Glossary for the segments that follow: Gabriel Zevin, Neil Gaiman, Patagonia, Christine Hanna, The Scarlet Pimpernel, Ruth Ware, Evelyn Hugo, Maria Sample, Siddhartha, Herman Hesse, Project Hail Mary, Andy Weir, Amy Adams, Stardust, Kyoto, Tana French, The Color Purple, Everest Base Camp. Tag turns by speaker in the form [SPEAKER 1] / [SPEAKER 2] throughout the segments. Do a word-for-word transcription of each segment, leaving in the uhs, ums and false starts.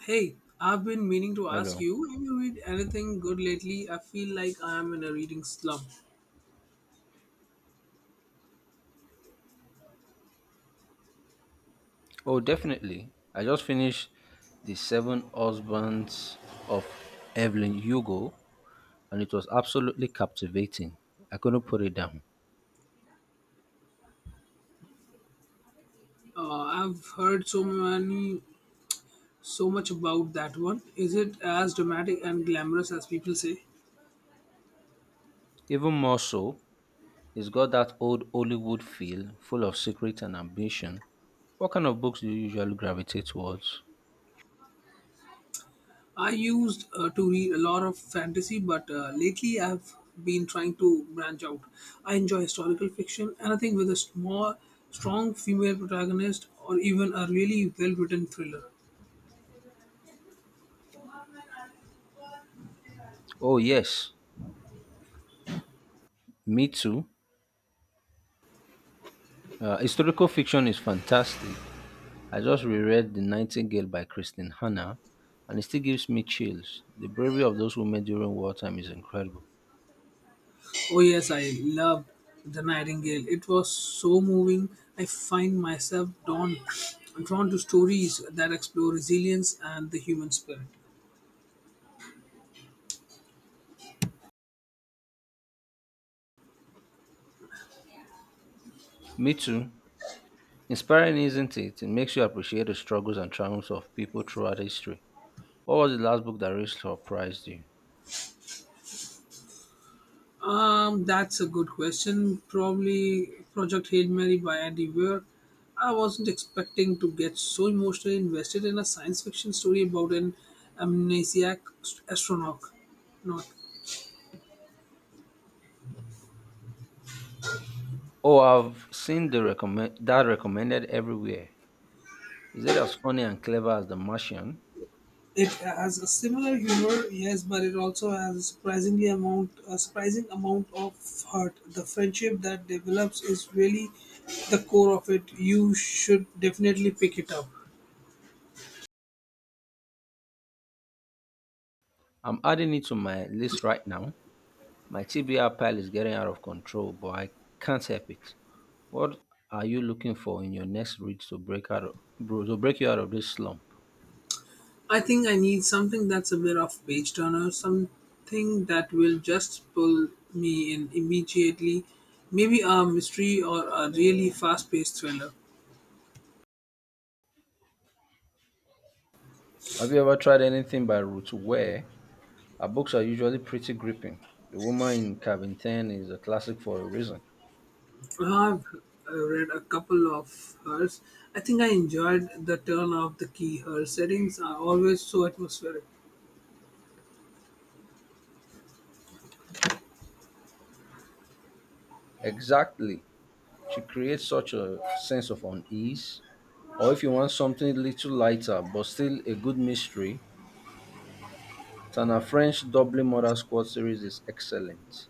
[SPEAKER 1] Hey, I've been meaning to ask
[SPEAKER 2] Hello.
[SPEAKER 1] you, have you read anything good lately? I feel like I am in a reading slump.
[SPEAKER 2] Oh, definitely. I just finished The Seven Husbands of Evelyn Hugo, and it was absolutely captivating. I couldn't put it down.
[SPEAKER 1] Uh, I've heard so many, so much about that one. Is it as dramatic and glamorous as people say?
[SPEAKER 2] Even more so, it's got that old Hollywood feel, full of secret and ambition. What kind of books do you usually gravitate towards?
[SPEAKER 1] I used uh, to read a lot of fantasy, but uh, lately I've been trying to branch out. I enjoy historical fiction, anything with a small, strong female protagonist, or even a really well-written thriller.
[SPEAKER 2] Oh, yes, me too. Uh, historical fiction is fantastic. I just reread The Nightingale by Christine Hanna, and it still gives me chills. The bravery of those women during wartime is incredible.
[SPEAKER 1] Oh yes, I loved The Nightingale. It was so moving. I find myself drawn drawn to stories that explore resilience and the human spirit.
[SPEAKER 2] Me too. Inspiring, isn't it? It makes you appreciate the struggles and triumphs of people throughout history. What was the last book that really surprised you?
[SPEAKER 1] Um, that's a good question. Probably Project Hail Mary by Andy Weir. I wasn't expecting to get so emotionally invested in a science fiction story about an amnesiac astronaut. Not.
[SPEAKER 2] Oh, I've seen the recommend that recommended everywhere. Is it as funny and clever as The Martian?
[SPEAKER 1] It has a similar humor, yes, but it also has a surprisingly amount, a surprising amount of heart. The friendship that develops is really the core of it. You should definitely pick it up.
[SPEAKER 2] I'm adding it to my list right now. My T B R pile is getting out of control, but I can't help it. What are you looking for in your next read to break out of, bro, to break you out of this slump?
[SPEAKER 1] I think I need something that's a bit of page turner, something that will just pull me in immediately. Maybe a mystery or a really fast paced thriller.
[SPEAKER 2] Have you ever tried anything by Ruth Ware? Her books are usually pretty gripping. The woman in Cabin ten is a classic for a reason.
[SPEAKER 1] I've uh, read a couple of hers. I think I enjoyed the turn of the key. Her settings are always so atmospheric.
[SPEAKER 2] Exactly. She creates such a sense of unease. Or if you want something a little lighter but still a good mystery, Tana French Doubly Murder Squad series is excellent.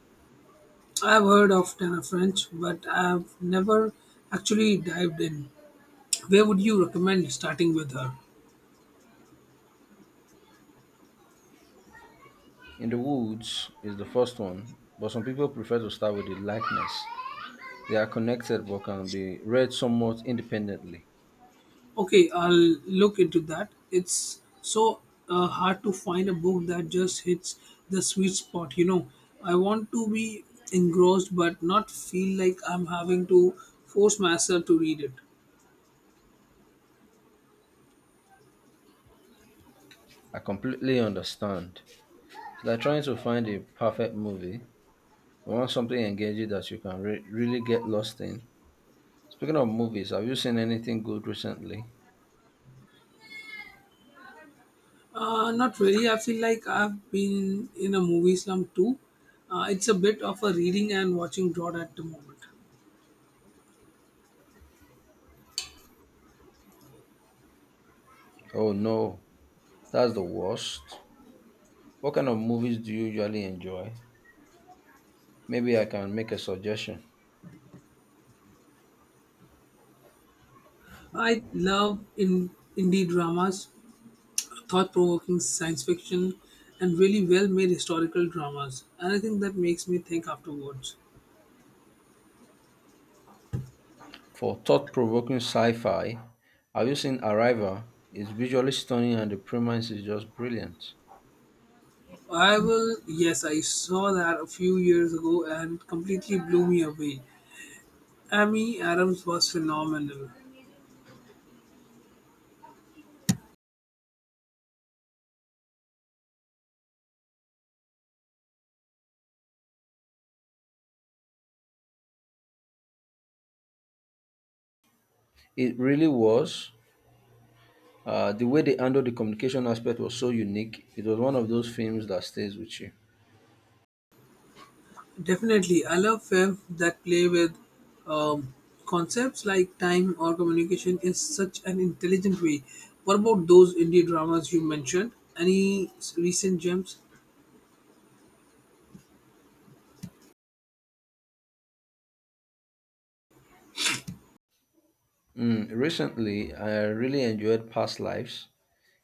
[SPEAKER 1] I've heard of Tana French, but I've never actually dived in. Where would you recommend starting with her?
[SPEAKER 2] In the Woods is the first one, but some people prefer to start with The Likeness. They are connected but can be read somewhat independently.
[SPEAKER 1] Okay, I'll look into that. It's so uh, hard to find a book that just hits the sweet spot, you know. I want to be engrossed but not feel like I'm having to force myself to read it.
[SPEAKER 2] I completely understand. It's like trying to find a perfect movie. You want something engaging that you can re- really get lost in. Speaking of movies, have you seen anything good recently?
[SPEAKER 1] Uh, not really. I feel like I've been in a movie slum too. Uh, it's a bit of a reading and watching drought at the moment.
[SPEAKER 2] Oh no, that's the worst. What kind of movies do you usually enjoy? Maybe I can make a suggestion.
[SPEAKER 1] I love in indie dramas, thought-provoking science fiction, and really well-made historical dramas. Anything that makes me think afterwards.
[SPEAKER 2] For thought provoking sci fi, have you seen Arrival? It's visually stunning and the premise is just brilliant.
[SPEAKER 1] I will. Yes, I saw that a few years ago and it completely blew me away. Amy Adams was phenomenal.
[SPEAKER 2] It really was. Uh, the way they handled the communication aspect was so unique. It was one of those films that stays with you.
[SPEAKER 1] Definitely, I love films that play with um, concepts like time or communication in such an intelligent way. What about those indie dramas you mentioned? Any s- recent gems?
[SPEAKER 2] Mm, recently, I really enjoyed Past Lives.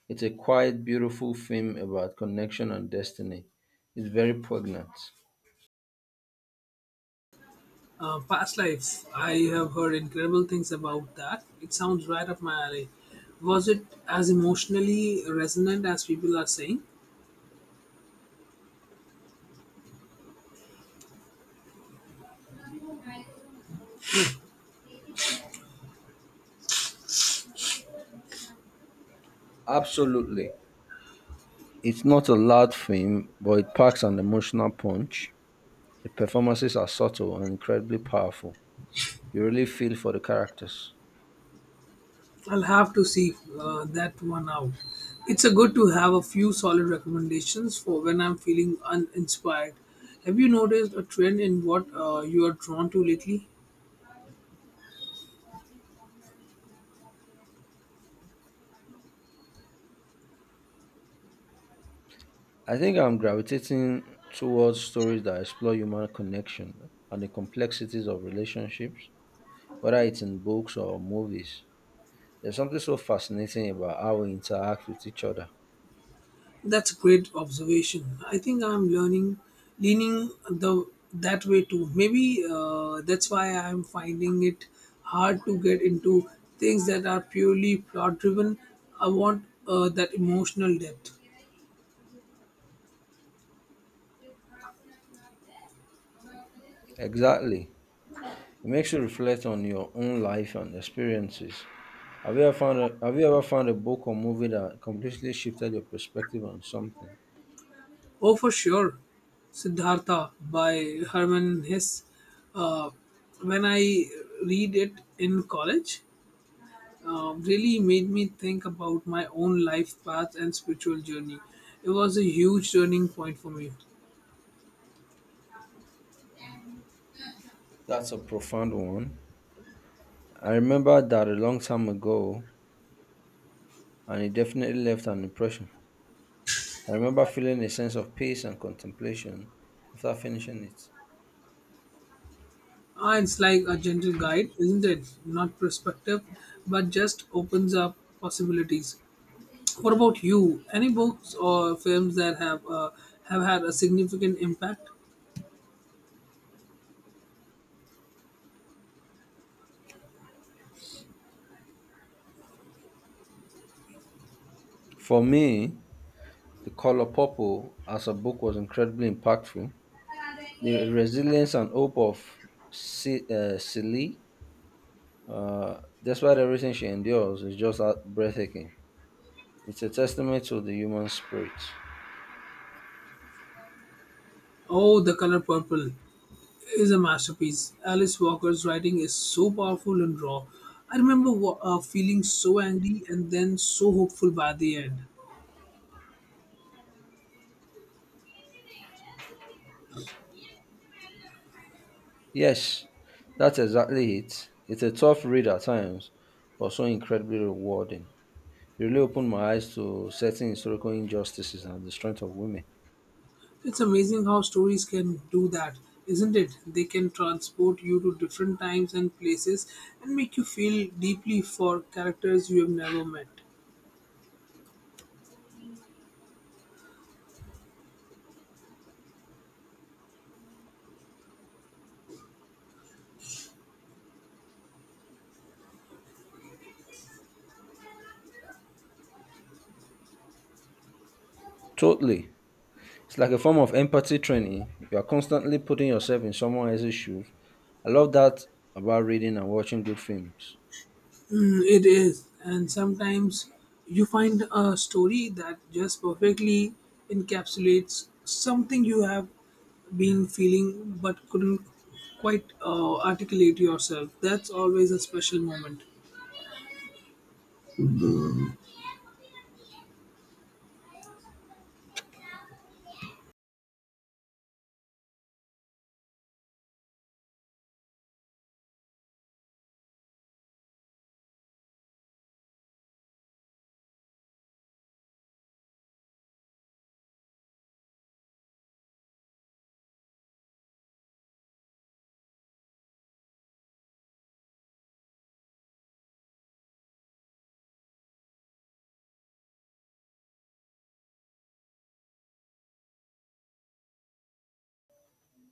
[SPEAKER 2] It's a quiet, beautiful film about connection and destiny. It's very poignant.
[SPEAKER 1] Uh, Past Life. I have heard incredible things about that. It sounds right up my alley. Was it as emotionally resonant as people are saying?
[SPEAKER 2] Absolutely. It's not a loud film, but it packs an emotional punch. The performances are subtle and incredibly powerful. You really feel for the characters.
[SPEAKER 1] I'll have to see uh, that one out. It's a good to have a few solid recommendations for when I'm feeling uninspired. Have you noticed a trend in what uh, you are drawn to lately?
[SPEAKER 2] I think I'm gravitating towards stories that explore human connection and the complexities of relationships, whether it's in books or movies. There's something so fascinating about how we interact with each other.
[SPEAKER 1] That's a great observation. I think I'm learning, leaning the that way too. Maybe uh, that's why I'm finding it hard to get into things that are purely plot driven. I want uh, that emotional depth.
[SPEAKER 2] Exactly. It makes you reflect on your own life and experiences. Have you ever found a, have you ever found a book or movie that completely shifted your perspective on something?
[SPEAKER 1] Oh, for sure. Siddhartha by Herman Hesse. Uh, when I read it in college, uh, really made me think about my own life path and spiritual journey. It was a huge turning point for me.
[SPEAKER 2] That's a profound one. I remember that a long time ago and it definitely left an impression. I remember feeling a sense of peace and contemplation after finishing it.
[SPEAKER 1] Ah, it's like a gentle guide, isn't it? Not perspective, but just opens up possibilities. What about you? Any books or films that have uh, have had a significant impact?
[SPEAKER 2] For me, The Color Purple as a book was incredibly impactful. The resilience and hope of C- uh, Celie, uh, despite everything she endures, is just out- breathtaking. It's a testament to the human spirit.
[SPEAKER 1] Oh, The Color Purple is a masterpiece. Alice Walker's writing is so powerful and raw. I remember wa- uh, feeling so angry and then so hopeful by the end.
[SPEAKER 2] Yes, that's exactly it. It's a tough read at times, but so incredibly rewarding. It really opened my eyes to certain historical injustices and the strength of women.
[SPEAKER 1] It's amazing how stories can do that, isn't it? They can transport you to different times and places and make you feel deeply for characters you have never met.
[SPEAKER 2] Totally. It's like a form of empathy training. You are constantly putting yourself in someone else's shoes. I love that about reading and watching good films.
[SPEAKER 1] Mm, it is, and sometimes you find a story that just perfectly encapsulates something you have been feeling but couldn't quite uh, articulate yourself. That's always a special moment.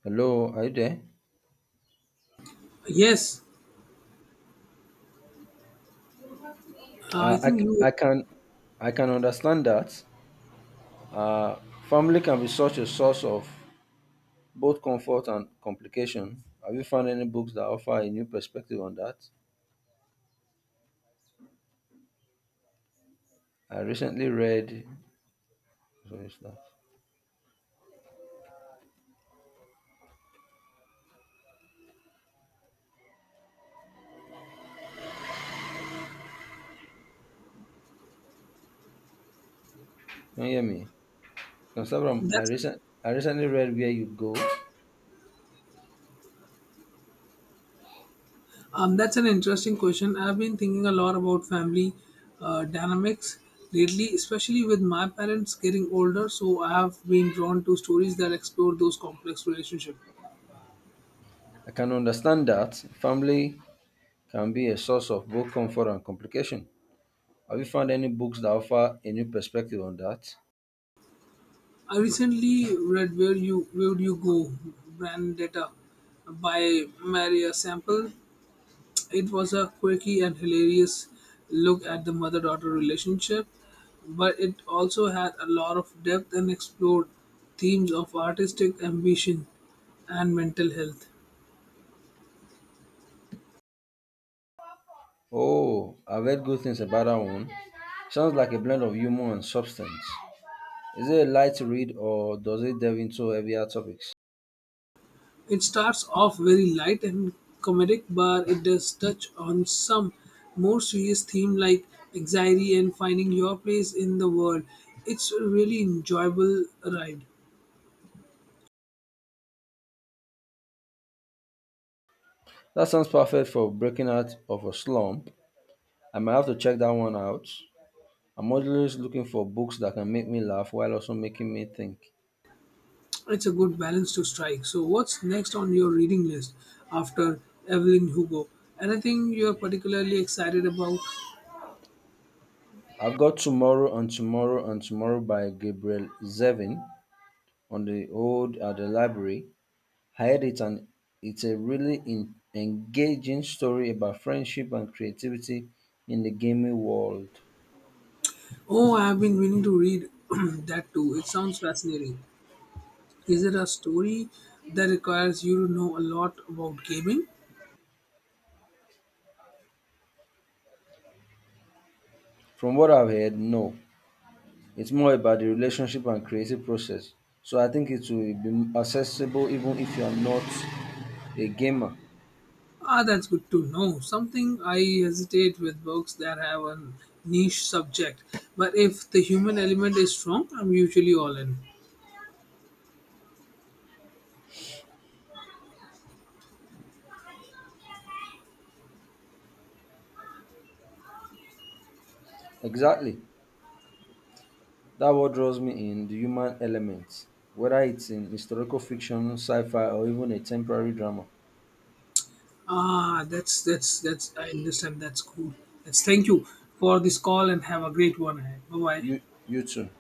[SPEAKER 2] Hello, are you there?
[SPEAKER 1] Yes, uh, I
[SPEAKER 2] Uh, I,
[SPEAKER 1] think you.
[SPEAKER 2] I can I can understand that. Uh, Family can be such a source of both comfort and complication. Have you found any books that offer a new perspective on that? I recently read. Sorry, it's. Can you hear me? Can start from? I
[SPEAKER 1] That's
[SPEAKER 2] recent I recently read Where You Go.
[SPEAKER 1] um, that's an interesting question. I've been thinking a lot about family uh, dynamics lately, especially with my parents getting older. So I have been drawn to stories that explore those complex relationships.
[SPEAKER 2] I can understand that family can be a source of both comfort and complication. Have you found any books that offer a new perspective on that?
[SPEAKER 1] I recently read Where You Where Would You Go, Vendetta by Maria Sample. It was a quirky and hilarious look at the mother daughter relationship, but it also had a lot of depth and explored themes of artistic ambition and mental health.
[SPEAKER 2] Oh, I've heard good things about that one. Sounds like a blend of humor and substance. Is it a light read or does it delve into heavier topics?
[SPEAKER 1] It starts off very light and comedic, but it does touch on some more serious themes like anxiety and finding your place in the world. It's a really enjoyable ride.
[SPEAKER 2] That sounds perfect for breaking out of a slump. I might have to check that one out. I'm always looking for books that can make me laugh while also making me think.
[SPEAKER 1] It's a good balance to strike. So, what's next on your reading list after Evelyn Hugo? Anything you're particularly excited about?
[SPEAKER 2] I've got Tomorrow and Tomorrow and Tomorrow by Gabriel Zevin on the old at the library. I heard it and it's a really in, engaging story about friendship and creativity in the gaming world.
[SPEAKER 1] Oh, I've been meaning to read that too. It sounds fascinating. Is it a story that requires you to know a lot about gaming?
[SPEAKER 2] From what I've heard, no, it's more about the relationship and creative process. So I think it will be accessible even if you are not a gamer.
[SPEAKER 1] Ah, that's good to know. Something I hesitate with books that have a niche subject, but if the human element is strong, I'm usually all in.
[SPEAKER 2] Exactly. That what draws me in the human element, whether it's in historical fiction, sci-fi, or even a temporary drama.
[SPEAKER 1] Ah, that's that's that's I understand. That's cool. That's thank you for this call and have a great one ahead. Bye bye.
[SPEAKER 2] You, you too.